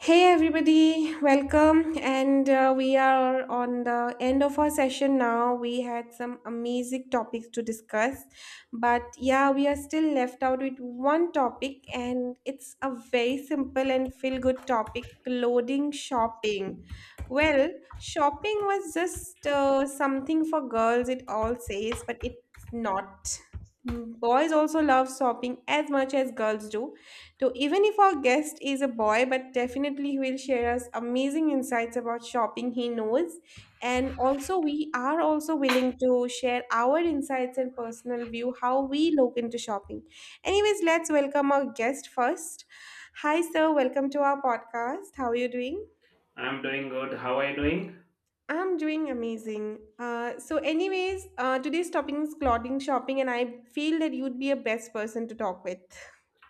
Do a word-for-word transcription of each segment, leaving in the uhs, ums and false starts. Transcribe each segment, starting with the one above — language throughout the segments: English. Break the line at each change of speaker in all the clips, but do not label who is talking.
Hey everybody, welcome. And uh, We are on the end of our session now. We had some amazing topics to discuss, but yeah, we are still left out with one topic, and it's a very simple and feel good topic clothing shopping. Well, shopping was just uh, something for girls, it all says, but it's not. Mm, boys also love shopping as much as girls do, so even if our guest is a boy, but definitely he will share us amazing insights about shopping he knows. And also we are also willing to share our insights and personal view, how we look into shopping. Anyways, let's welcome our guest first. Hi, sir. Welcome to our podcast. How are you doing?
I'm doing good. How are you doing?
I'm doing amazing. Uh, so, anyways, uh, today's topic is clothing shopping, and I feel that you'd be a best person to talk with.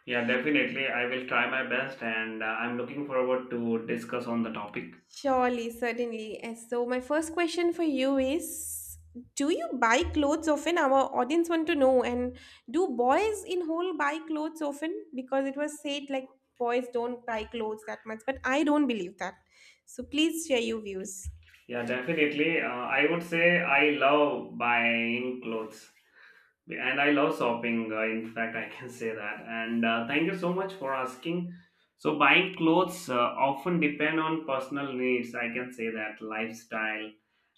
Yeah, definitely. I will try my best and uh, I'm looking forward to discuss on the topic.
Surely, certainly. And So, my first question for you is, do you buy clothes often? Our audience want to know. And do boys in whole buy clothes often? Because it was said like boys don't buy clothes that much, but I don't believe that. So, please share your views.
Yeah, definitely. Uh, I would say I love buying clothes. and I love shopping. Uh, in fact, I can say that. And uh, Thank you so much for asking. So, buying clothes uh, often depend on personal needs. I can say that lifestyle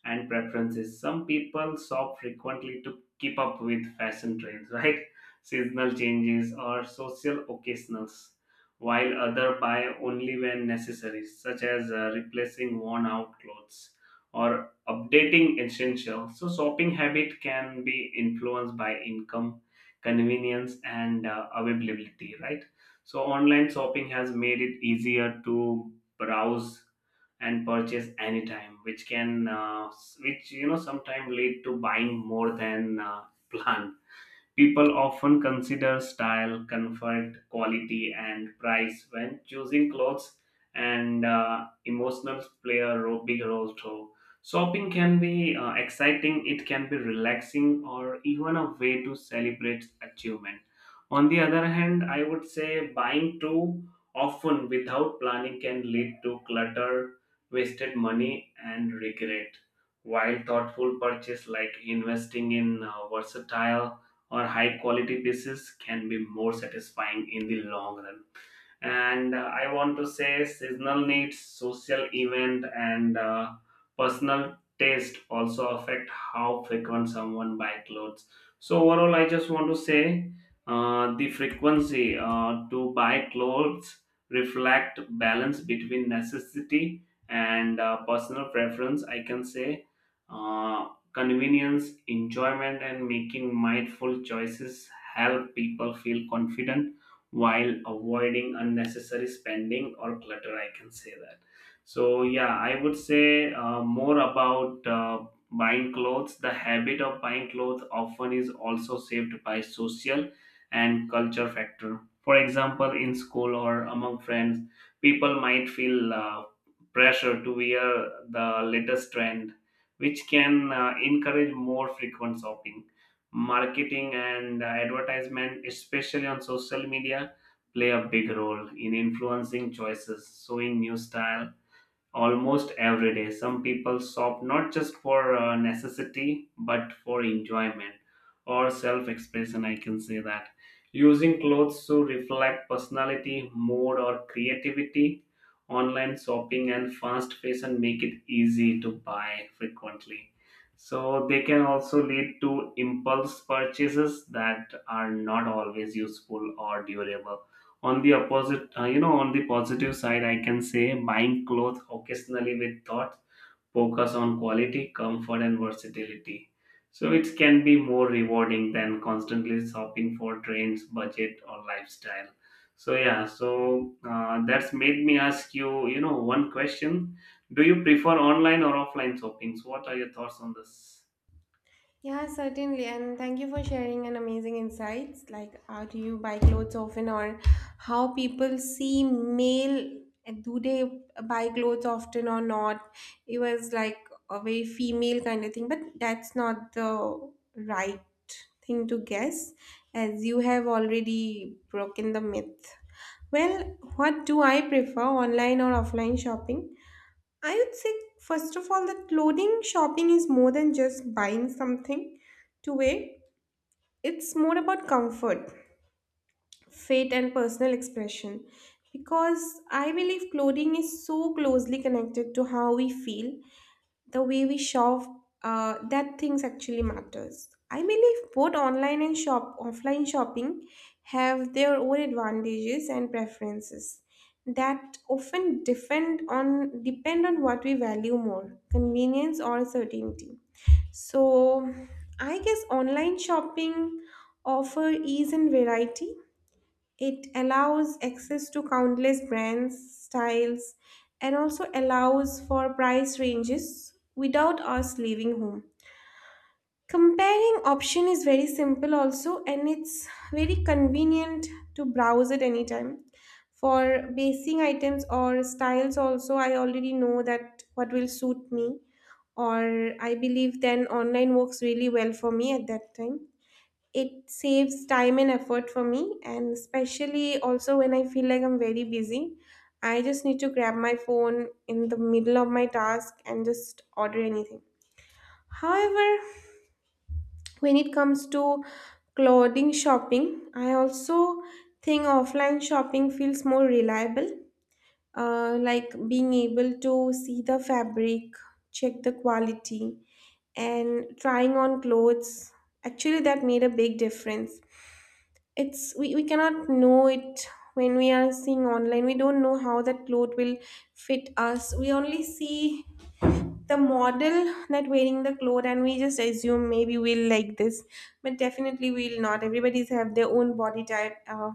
and preferences. Some people shop frequently to keep up with fashion trends, right? Seasonal changes or social occasions, while other buy only when necessary, such as uh, replacing worn out clothes or updating essential. So shopping habit can be influenced by income, convenience, and uh, availability, right? So online shopping has made it easier to browse and purchase anytime, which can uh, which you know sometimes lead to buying more than uh, planned. People often consider style, comfort, quality, and price when choosing clothes, and uh, emotions play a ro- big role too. Shopping can be uh, exciting, it can be relaxing, or even a way to celebrate achievement. On the other hand, I would say buying too often without planning can lead to clutter, wasted money, and regret. While thoughtful purchase like investing in uh, versatile or high quality pieces can be more satisfying in the long run, and uh, I want to say seasonal needs, social event, and uh, personal taste also affect how frequent someone buy clothes. So overall, I just want to say uh, the frequency uh, to buy clothes reflect balance between necessity and uh, personal preference, I can say. Uh, convenience, enjoyment, and making mindful choices help people feel confident while avoiding unnecessary spending or clutter, I can say that. So yeah, I would say uh, more about uh, buying clothes the habit of buying clothes often is also shaped by social and culture factor. For example, in school or among friends, people might feel uh, pressure to wear the latest trend, which can uh, encourage more frequent shopping. Marketing and uh, advertisement, especially on social media, play a big role in influencing choices, showing new style, almost every day. Some people shop not just for uh, necessity but for enjoyment or self expression. I can say that. Using clothes to reflect personality, mood, or creativity. Online shopping and fast fashion make it easy to buy frequently. So, they can also lead to impulse purchases that are not always useful or durable. On the opposite, uh, you know on the positive side, I can say buying clothes occasionally with thought, focus on quality, comfort, and versatility, so it can be more rewarding than constantly shopping for trends, budget, or lifestyle. So yeah, so uh, that's made me ask you you know one question. Do you prefer online or offline shopping? So what are your thoughts on this?
Yeah, certainly. And thank you for sharing an amazing insights. Like, how do you buy clothes often, or how people see male? Do they buy clothes often or not? It was like a very female kind of thing, but that's not the right thing to guess, as you have already broken the myth. Well, what do I prefer, online or offline shopping? I would say, first of all, that clothing shopping is more than just buying something to wear. It's more about comfort, fit, and personal expression. Because I believe clothing is so closely connected to how we feel, the way we shop uh, that things actually matters. I believe both online and shop offline shopping have their own advantages and preferences that often depend on depend on what we value more, convenience or certainty. So I guess online shopping offer ease and variety. It allows access to countless brands, styles, and also allows for price ranges without us leaving home. Comparing option is very simple also and it's very convenient to browse at any time. For basing items or styles also I already know that what will suit me, or I believe then online works really well for me. At that time it saves time and effort for me, and especially also when I feel like I'm very busy, I just need to grab my phone in the middle of my task and just order anything. However, when it comes to clothing shopping, I also think offline shopping feels more reliable. Uh, like being able to see the fabric, check the quality, and trying on clothes. Actually, that made a big difference. It's We, we cannot know it when we are seeing online. We don't know how that cloth will fit us. We only see the model that wearing the cloth and we just assume maybe we'll like this, but definitely we'll not. Everybody's have their own body type. uh,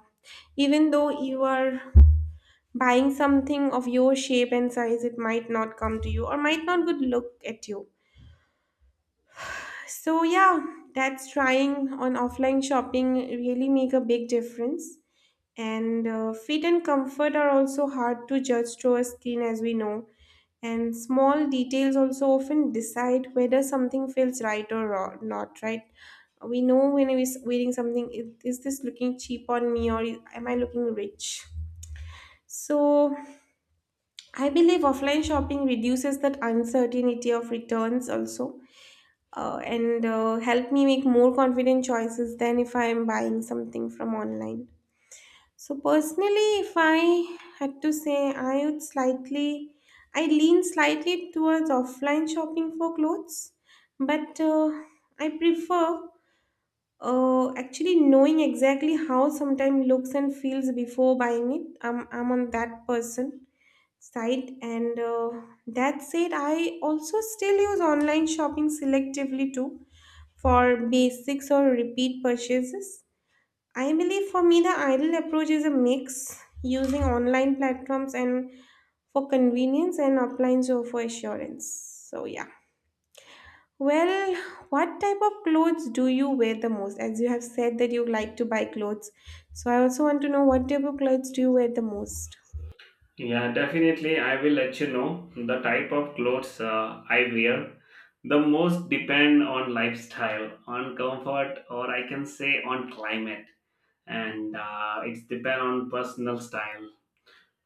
Even though you are buying something of your shape and size, it might not come to you or might not good look at you. So yeah, that's trying on offline shopping really make a big difference. And uh, Fit and comfort are also hard to judge through a screen, as we know. And small details also often decide whether something feels right or ro- not. Right? We know when we're wearing something, is is this looking cheap on me, or am I looking rich? So I believe offline shopping reduces that uncertainty of returns also, uh, and uh, help me make more confident choices than if I am buying something from online. So personally, if I had to say, I would slightly, I lean slightly towards offline shopping for clothes, but uh, I prefer uh, actually knowing exactly how sometimes looks and feels before buying it. I'm, I'm on that person side, and uh, that said, I also still use online shopping selectively too for basics or repeat purchases. I believe for me, the ideal approach is a mix, using online platforms and for convenience and offline so for assurance. So, yeah. Well, what type of clothes do you wear the most? As you have said that you like to buy clothes. So, I also want to know, what type of clothes do you wear the most?
Yeah, definitely. I will let you know the type of clothes uh, I wear. The most depend on lifestyle, on comfort, or I can say on climate, and uh, it's depend on personal style.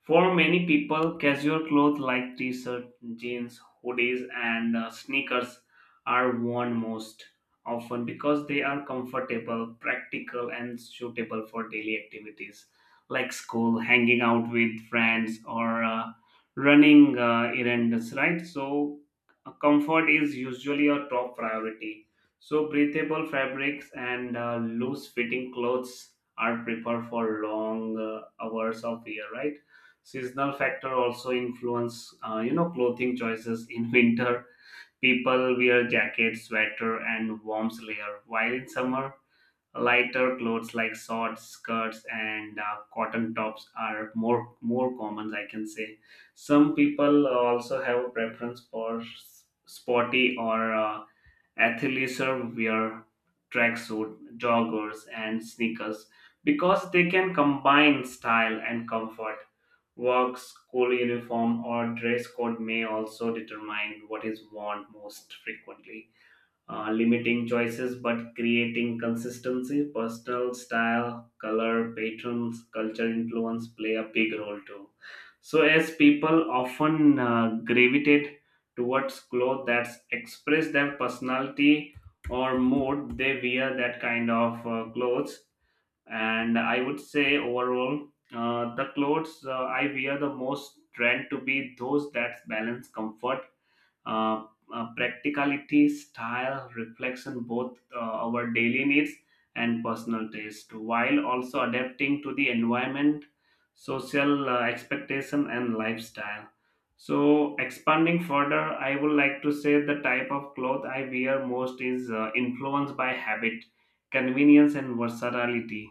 For many people, casual clothes like t shirts, jeans, hoodies, and uh, sneakers are worn most often because they are comfortable, practical, and suitable for daily activities like school, hanging out with friends, or uh, running uh, errands, right? So, uh, comfort is usually a top priority. So, breathable fabrics and uh, loose fitting clothes are preferred for long uh, hours of year, right? Seasonal factor also influence uh, you know clothing choices in winter. People wear jackets, sweater, and warm layer, while in summer, lighter clothes like shorts, skirts, and uh, cotton tops are more more common, I can say. Some people also have a preference for s- sporty or uh, athleisure wear, tracksuit, joggers, and sneakers, because they can combine style and comfort. Work, school uniform, or dress code may also determine what is worn most frequently, uh, limiting choices but creating consistency. Personal style, color, patterns, culture influence play a big role too. So, as people often uh, gravitate towards clothes that express their personality or mood, they wear that kind of uh, clothes. And I would say overall uh, the clothes uh, I wear the most trend to be those that balance comfort, uh, uh, practicality, style, reflection, both uh, our daily needs and personal taste, while also adapting to the environment, social uh, expectation, and lifestyle. So expanding further, I would like to say the type of cloth I wear most is uh, influenced by habit, convenience, and versatility.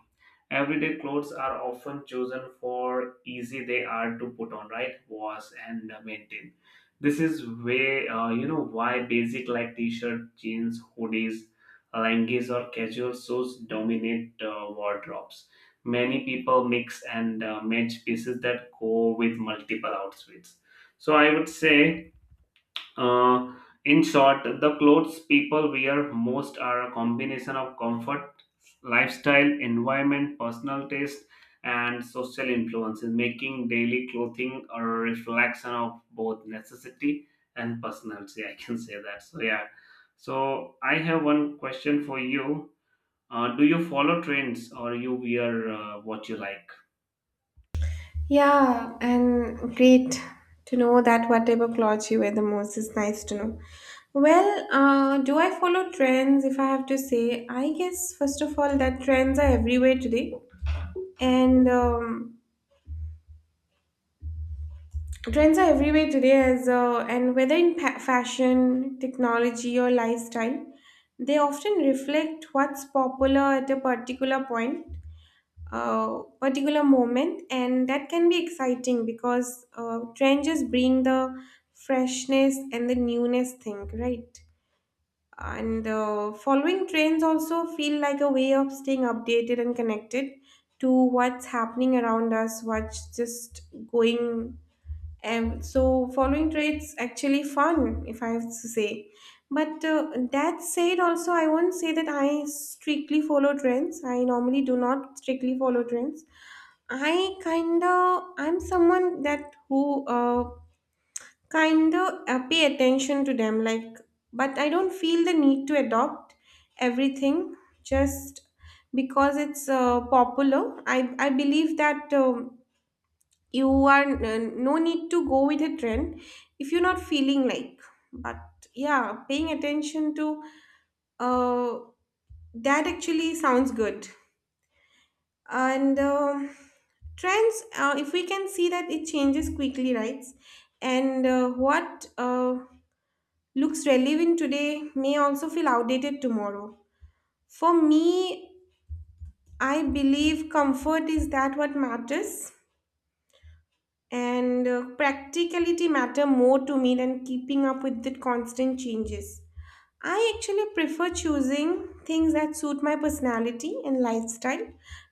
Everyday clothes are often chosen for easy they are to put on, right? Wash and uh, maintain. This is way uh, you know why basic like t-shirt, jeans, hoodies, leggings, or casual suits dominate uh, wardrobes. Many people mix and uh, match pieces that go with multiple outfits. So I would say uh, in short, the clothes people wear most are a combination of comfort, lifestyle, environment, personal taste, and social influences, making daily clothing a reflection of both necessity and personality. I can say that. So, yeah. So, I have one question for you. Uh, do you follow trends or you wear uh, what you like?
Yeah, and great to know that whatever clothes you wear the most is nice to know. Well, uh, do I follow trends? If I have to say, I guess first of all that trends are everywhere today, and um, trends are everywhere today as uh, and whether in pa- fashion, technology, or lifestyle, they often reflect what's popular at a particular point, uh, particular moment, and that can be exciting because uh, trenches bring the freshness and the newness thing, right? And uh, following trends also feel like a way of staying updated and connected to what's happening around us, what's just going. And so following traits actually fun, if I have to say. But uh, that said, also I won't say that I strictly follow trends. I normally do not strictly follow trends. I kinda I'm someone that who uh, kinda uh, pay attention to them, like, but I don't feel the need to adopt everything just because it's uh, popular. I I believe that. Um, you are n- no need to go with a trend if you're not feeling like. But yeah, paying attention to uh, that actually sounds good. And um trends, uh, if we can see, that it changes quickly, right? And uh, what uh, looks relevant today may also feel outdated tomorrow. For me, I believe comfort is that what matters, and uh, practicality matter more to me than keeping up with the constant changes. I actually prefer choosing things that suit my personality and lifestyle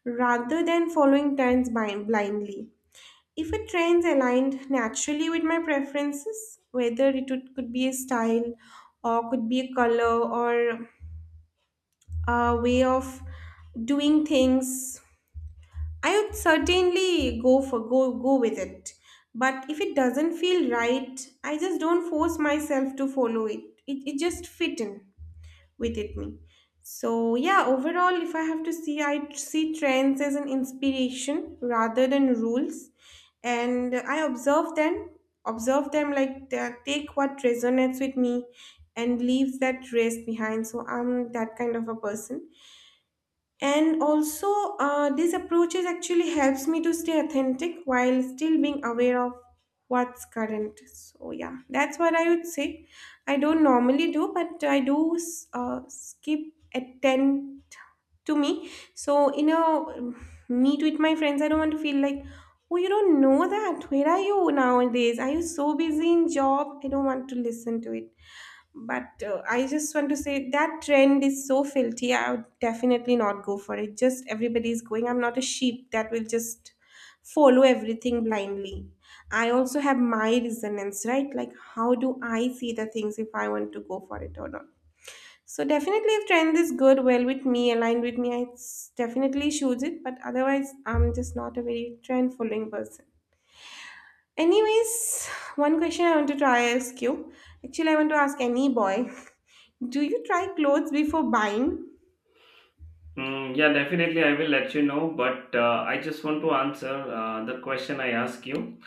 rather than following trends blind- blindly. If a trend aligned naturally with my preferences, whether it would- could be a style, or could be a color, or a way of doing things, I would certainly go for go go with it. But if it doesn't feel right, I just don't force myself to follow it. It it just fit in with it me. So yeah, overall if I have to see, I see trends as an inspiration rather than rules. And I observe them, observe them like, uh, take what resonates with me and leaves that rest behind. So I'm that kind of a person, and also, uh, these approaches actually helps me to stay authentic while still being aware of what's current. So yeah, that's what I would say. I don't normally do, but I do uh, skip attend to me. So in a um, meet with my friends, I don't want to feel like, oh, you don't know that. Where are you nowadays? Are you so busy in job? I don't want to listen to it. But uh, I just want to say that trend is so filthy, I would definitely not go for it just everybody is going. I'm not a sheep that will just follow everything blindly. I also have my resonance, right? Like how do I see the things, if I want to go for it or not. So definitely if trend is good well with me, aligned with me, I s- definitely choose it, but otherwise I'm just not a very trend following person. Anyways, one question I want to try ask you. Actually, I want to ask any boy. Do you try clothes before buying?
Mm, yeah, definitely. I will let you know, but uh, I just want to answer uh, the question I ask you.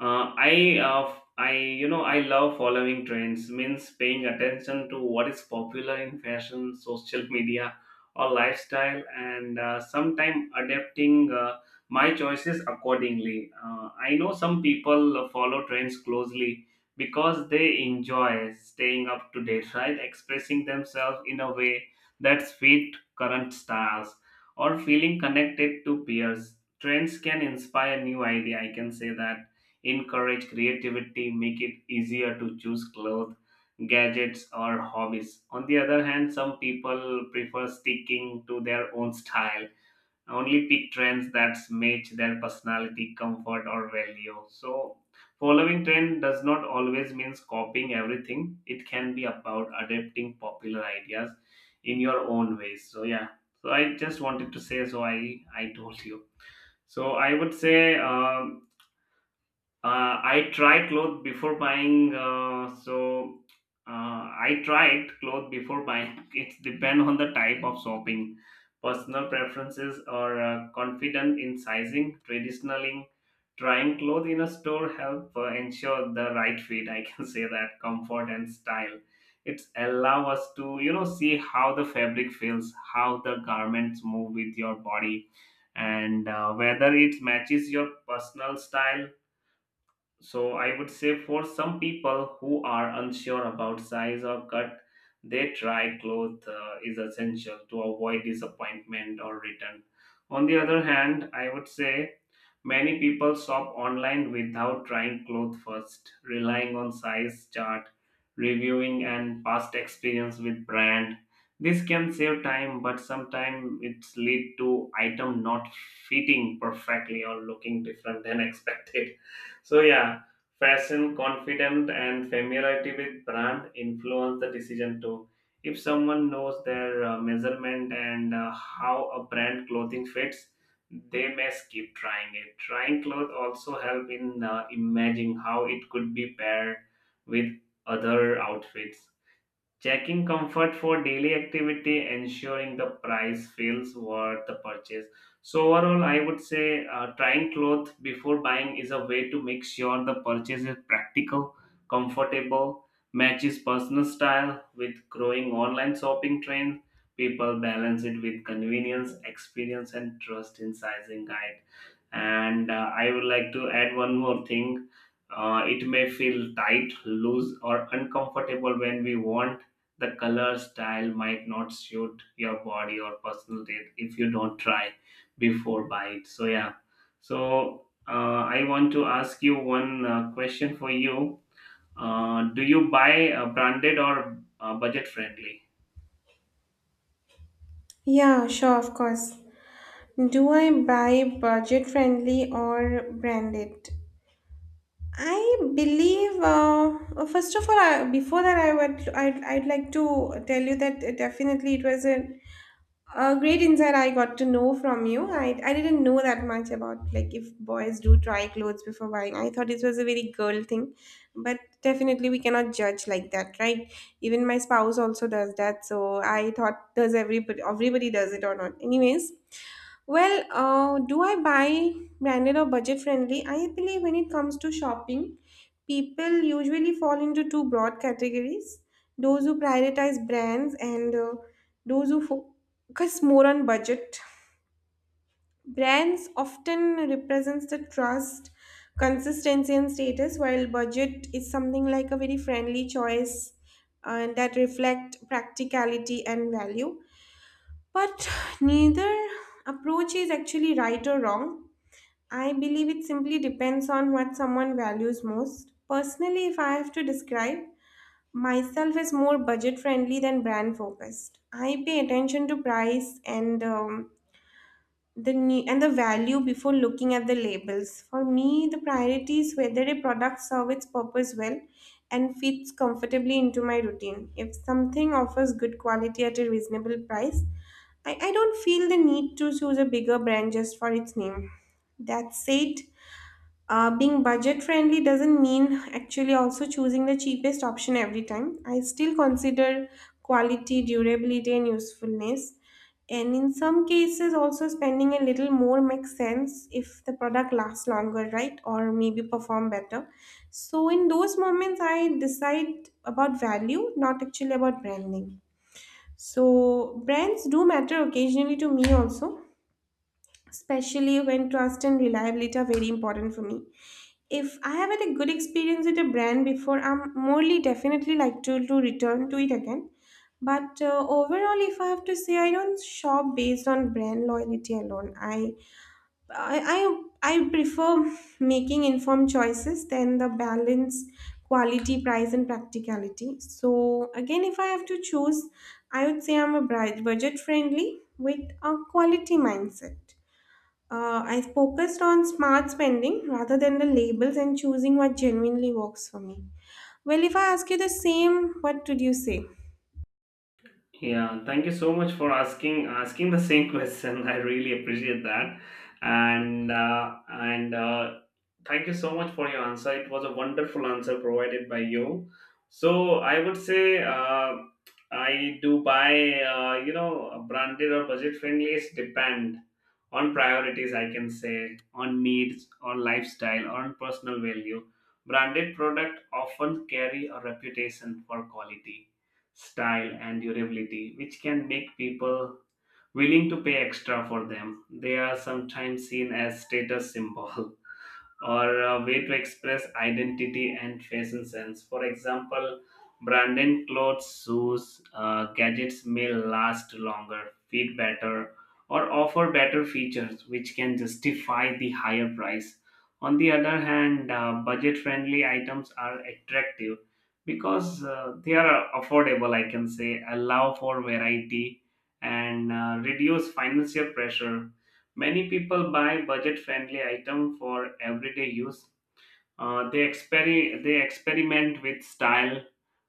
Uh, I, uh, I. You know, I love following trends. Means paying attention to what is popular in fashion, social media, or lifestyle, and uh, sometimes adapting uh, my choices accordingly. Uh, I know some people follow trends closely because they enjoy staying up to date, right? Expressing themselves in a way that's fit current stars or feeling connected to peers. Trends can inspire new idea. I can say that encourage creativity, make it easier to choose clothes, gadgets, or hobbies. On the other hand, some people prefer sticking to their own style, only pick trends that match their personality, comfort, or value. So, following trend does not always means copying everything. It can be about adapting popular ideas in your own ways. So, yeah. So I just wanted to say. So I I told you. So I would say. Um, uh, I try clothes before buying. Uh, so uh, I tried clothes before buying. It depends on the type of shopping, personal preferences, or uh, confident in sizing. Traditionally, trying clothes in a store help uh, ensure the right fit. I can say that comfort and style. It's allow us to you know see how the fabric feels, how the garments move with your body, and uh, whether it matches your personal style. So I would say for some people who are unsure about size or cut, they try cloth uh, is essential to avoid disappointment or return. On the other hand, I would say many people shop online without trying clothes first, relying on size chart, reviewing and past experience with brand. This can save time, but sometimes it's lead to item not fitting perfectly or looking different than expected. So yeah, fashion, confidence, and familiarity with brand influence the decision too. If someone knows their uh, measurement and uh, how a brand clothing fits, they may skip trying it. Trying clothes also help in uh, imagining how it could be paired with other outfits. Checking comfort for daily activity, ensuring the price feels worth the purchase. So overall, I would say uh, trying clothes before buying is a way to make sure the purchase is practical, comfortable, matches personal style with growing online shopping trend. People balance it with convenience, experience, and trust in sizing guide. And uh, I would like to add one more thing. Uh, it may feel tight, loose, or uncomfortable when we want. The color style might not suit your body or personal taste if you don't try before buy it. So yeah, so uh, I want to ask you one uh, question for you. Uh, do you buy uh, branded or uh, budget friendly?
Yeah, sure, of course. Do I buy budget friendly or branded? I believe, uh, first of all, I, before that, I would I'd, I'd like to tell you that definitely it was a A great insight I got to know from you. I, I didn't know that much about like if boys do try clothes before buying. I thought this was a very girl thing, but definitely we cannot judge like that, right? Even my spouse also does that, so I thought does everybody everybody does it or not? Anyways, well, uh, do I buy branded or budget friendly? I believe when it comes to shopping, people usually fall into two broad categories, those who prioritize brands, and uh, those who focus more on budget. Brands often represents the trust, consistency, and status, while budget is something like a very friendly choice uh, that reflect practicality and value. But neither approach is actually right or wrong. I believe it simply depends on what someone values most. Personally, if I have to describe, myself as more budget friendly than brand focused. I pay attention to price and um, the ne- and the value before looking at the labels. For me, the priority is whether a product serves its purpose well and fits comfortably into my routine. If something offers good quality at a reasonable price, I, I don't feel the need to choose a bigger brand just for its name. That said, uh, being budget friendly doesn't mean actually also choosing the cheapest option every time. I still consider quality, durability, and usefulness. And in some cases, also spending a little more makes sense if the product lasts longer, right? Or maybe perform better. So, in those moments, I decide about value, not actually about branding. So, brands do matter occasionally to me also, especially when trust and reliability are very important for me. If I have had a good experience with a brand before, I'm morely definitely like to, to return to it again. But uh, overall, if I have to say, I don't shop based on brand loyalty alone. I I I, I prefer making informed choices than the balance, quality, price, and practicality. So again, if I have to choose, I would say I'm a budget friendly with a quality mindset. Uh, I focused on smart spending rather than the labels and choosing what genuinely works for me. Well, if I ask you the same, what would you say?
Yeah, thank you so much for asking asking the same question. I really appreciate that, and uh, and uh, thank you so much for your answer. It was a wonderful answer provided by you. So I would say uh, I do buy uh, you know branded or budget friendly. It's depend on priorities. I can say on needs, on lifestyle, on personal value. Branded product often carry a reputation for quality, style, and durability, which can make people willing to pay extra for them. They are sometimes seen as status symbol. Or a way to express identity and fashion sense. For example, branded clothes, shoes, uh, gadgets may last longer, fit better, or offer better features, which can justify the higher price. On the other hand, uh, budget friendly items are attractive because uh, they are affordable, I can say, allow for variety and uh, reduce financial pressure. Many people buy budget-friendly items for everyday use. Uh, they, exper- they experiment with style,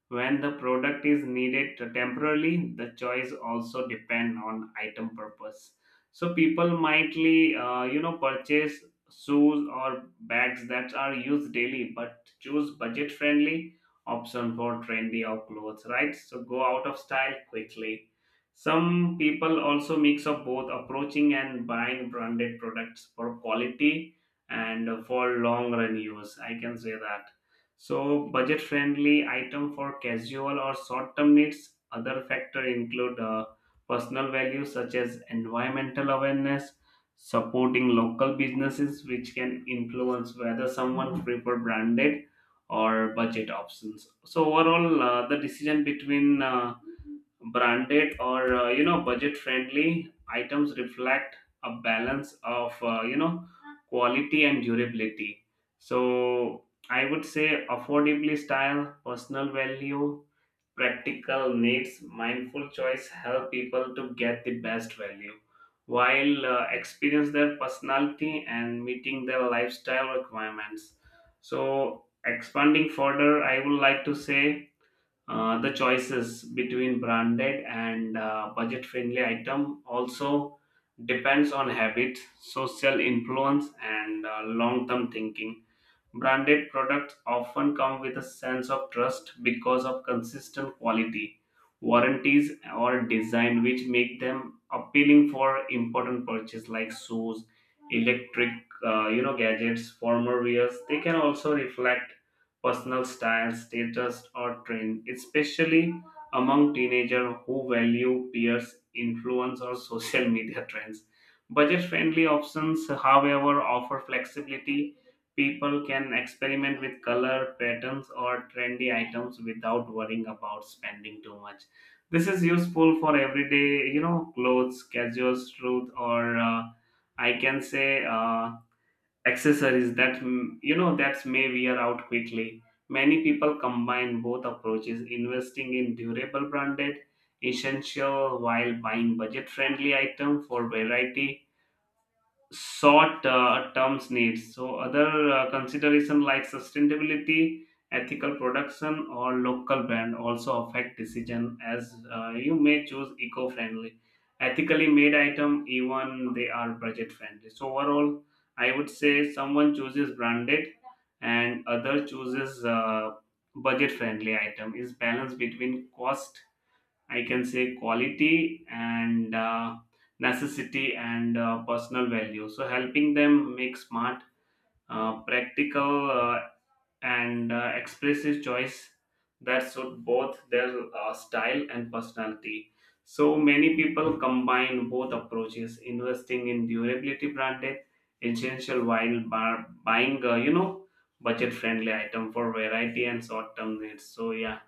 when the product is needed temporarily. The choice also depend on item purpose. So people mightly, uh, you know, purchase shoes or bags that are used daily, but choose budget-friendly option for trendy or clothes, right? So go out of style quickly. Some people also mix up both approaching and buying branded products for quality and for long run use. I can say that, so, budget friendly item for casual or short term needs. Other factor include uh, personal values such as environmental awareness, supporting local businesses, which can influence whether someone prefer branded or budget options. So, overall, uh, the decision between uh, branded or uh, you know budget friendly items reflect a balance of uh, you know quality and durability. So I would say affordably style, personal value, practical needs, mindful choice help people to get the best value while uh, experience their personality and meeting their lifestyle requirements. So expanding further, I would like to say uh, the choices between branded and uh, budget-friendly item also depends on habit, social influence, and uh, long-term thinking. Branded products often come with a sense of trust because of consistent quality, warranties, or design, which make them appealing for important purchase like shoes, electric, uh, you know, gadgets, formal wears. They can also reflect personal style, status, or trend, especially among teenagers who value peers' influence or social media trends. Budget-friendly options, however, offer flexibility. People can experiment with color, patterns, or trendy items without worrying about spending too much. This is useful for everyday, you know, clothes, casual clothes, or uh, I can say uh, accessories that mm, you know that may wear out quickly. Many people combine both approaches, investing in durable branded essential while buying budget-friendly item for variety short uh, terms needs. So other uh, consideration like sustainability, ethical production, or local brand also affect decision as uh, you may choose eco-friendly, ethically made item even they are budget friendly. So overall, I would say someone chooses branded and other chooses uh, budget friendly item is balance between cost, I can say, quality and uh, necessity and uh, personal value. So helping them make smart, uh, practical, uh, and uh, expressive choice that suit both their uh, style and personality. So many people combine both approaches, investing in durability branded essential while bar- buying, uh, you know, budget friendly item for variety and short term needs. So yeah,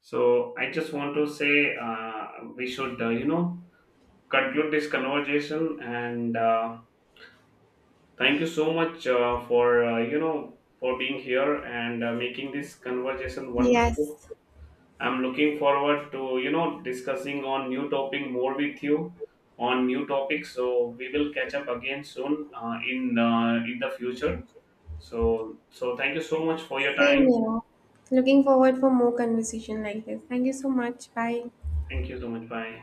so I just want to say uh, we should, uh, you know, conclude this conversation. And uh, Thank you so much uh, for, uh, you know, for being here and uh, making this conversation wonderful.
Yes,
I'm looking forward to, you know, discussing on new topic more with you on new topics. So we will catch up again soon uh, in uh, in the future. So so thank you so much for your time.
same here. Looking forward for more conversation like this. Thank you so much. Bye.
Thank you so much. Bye.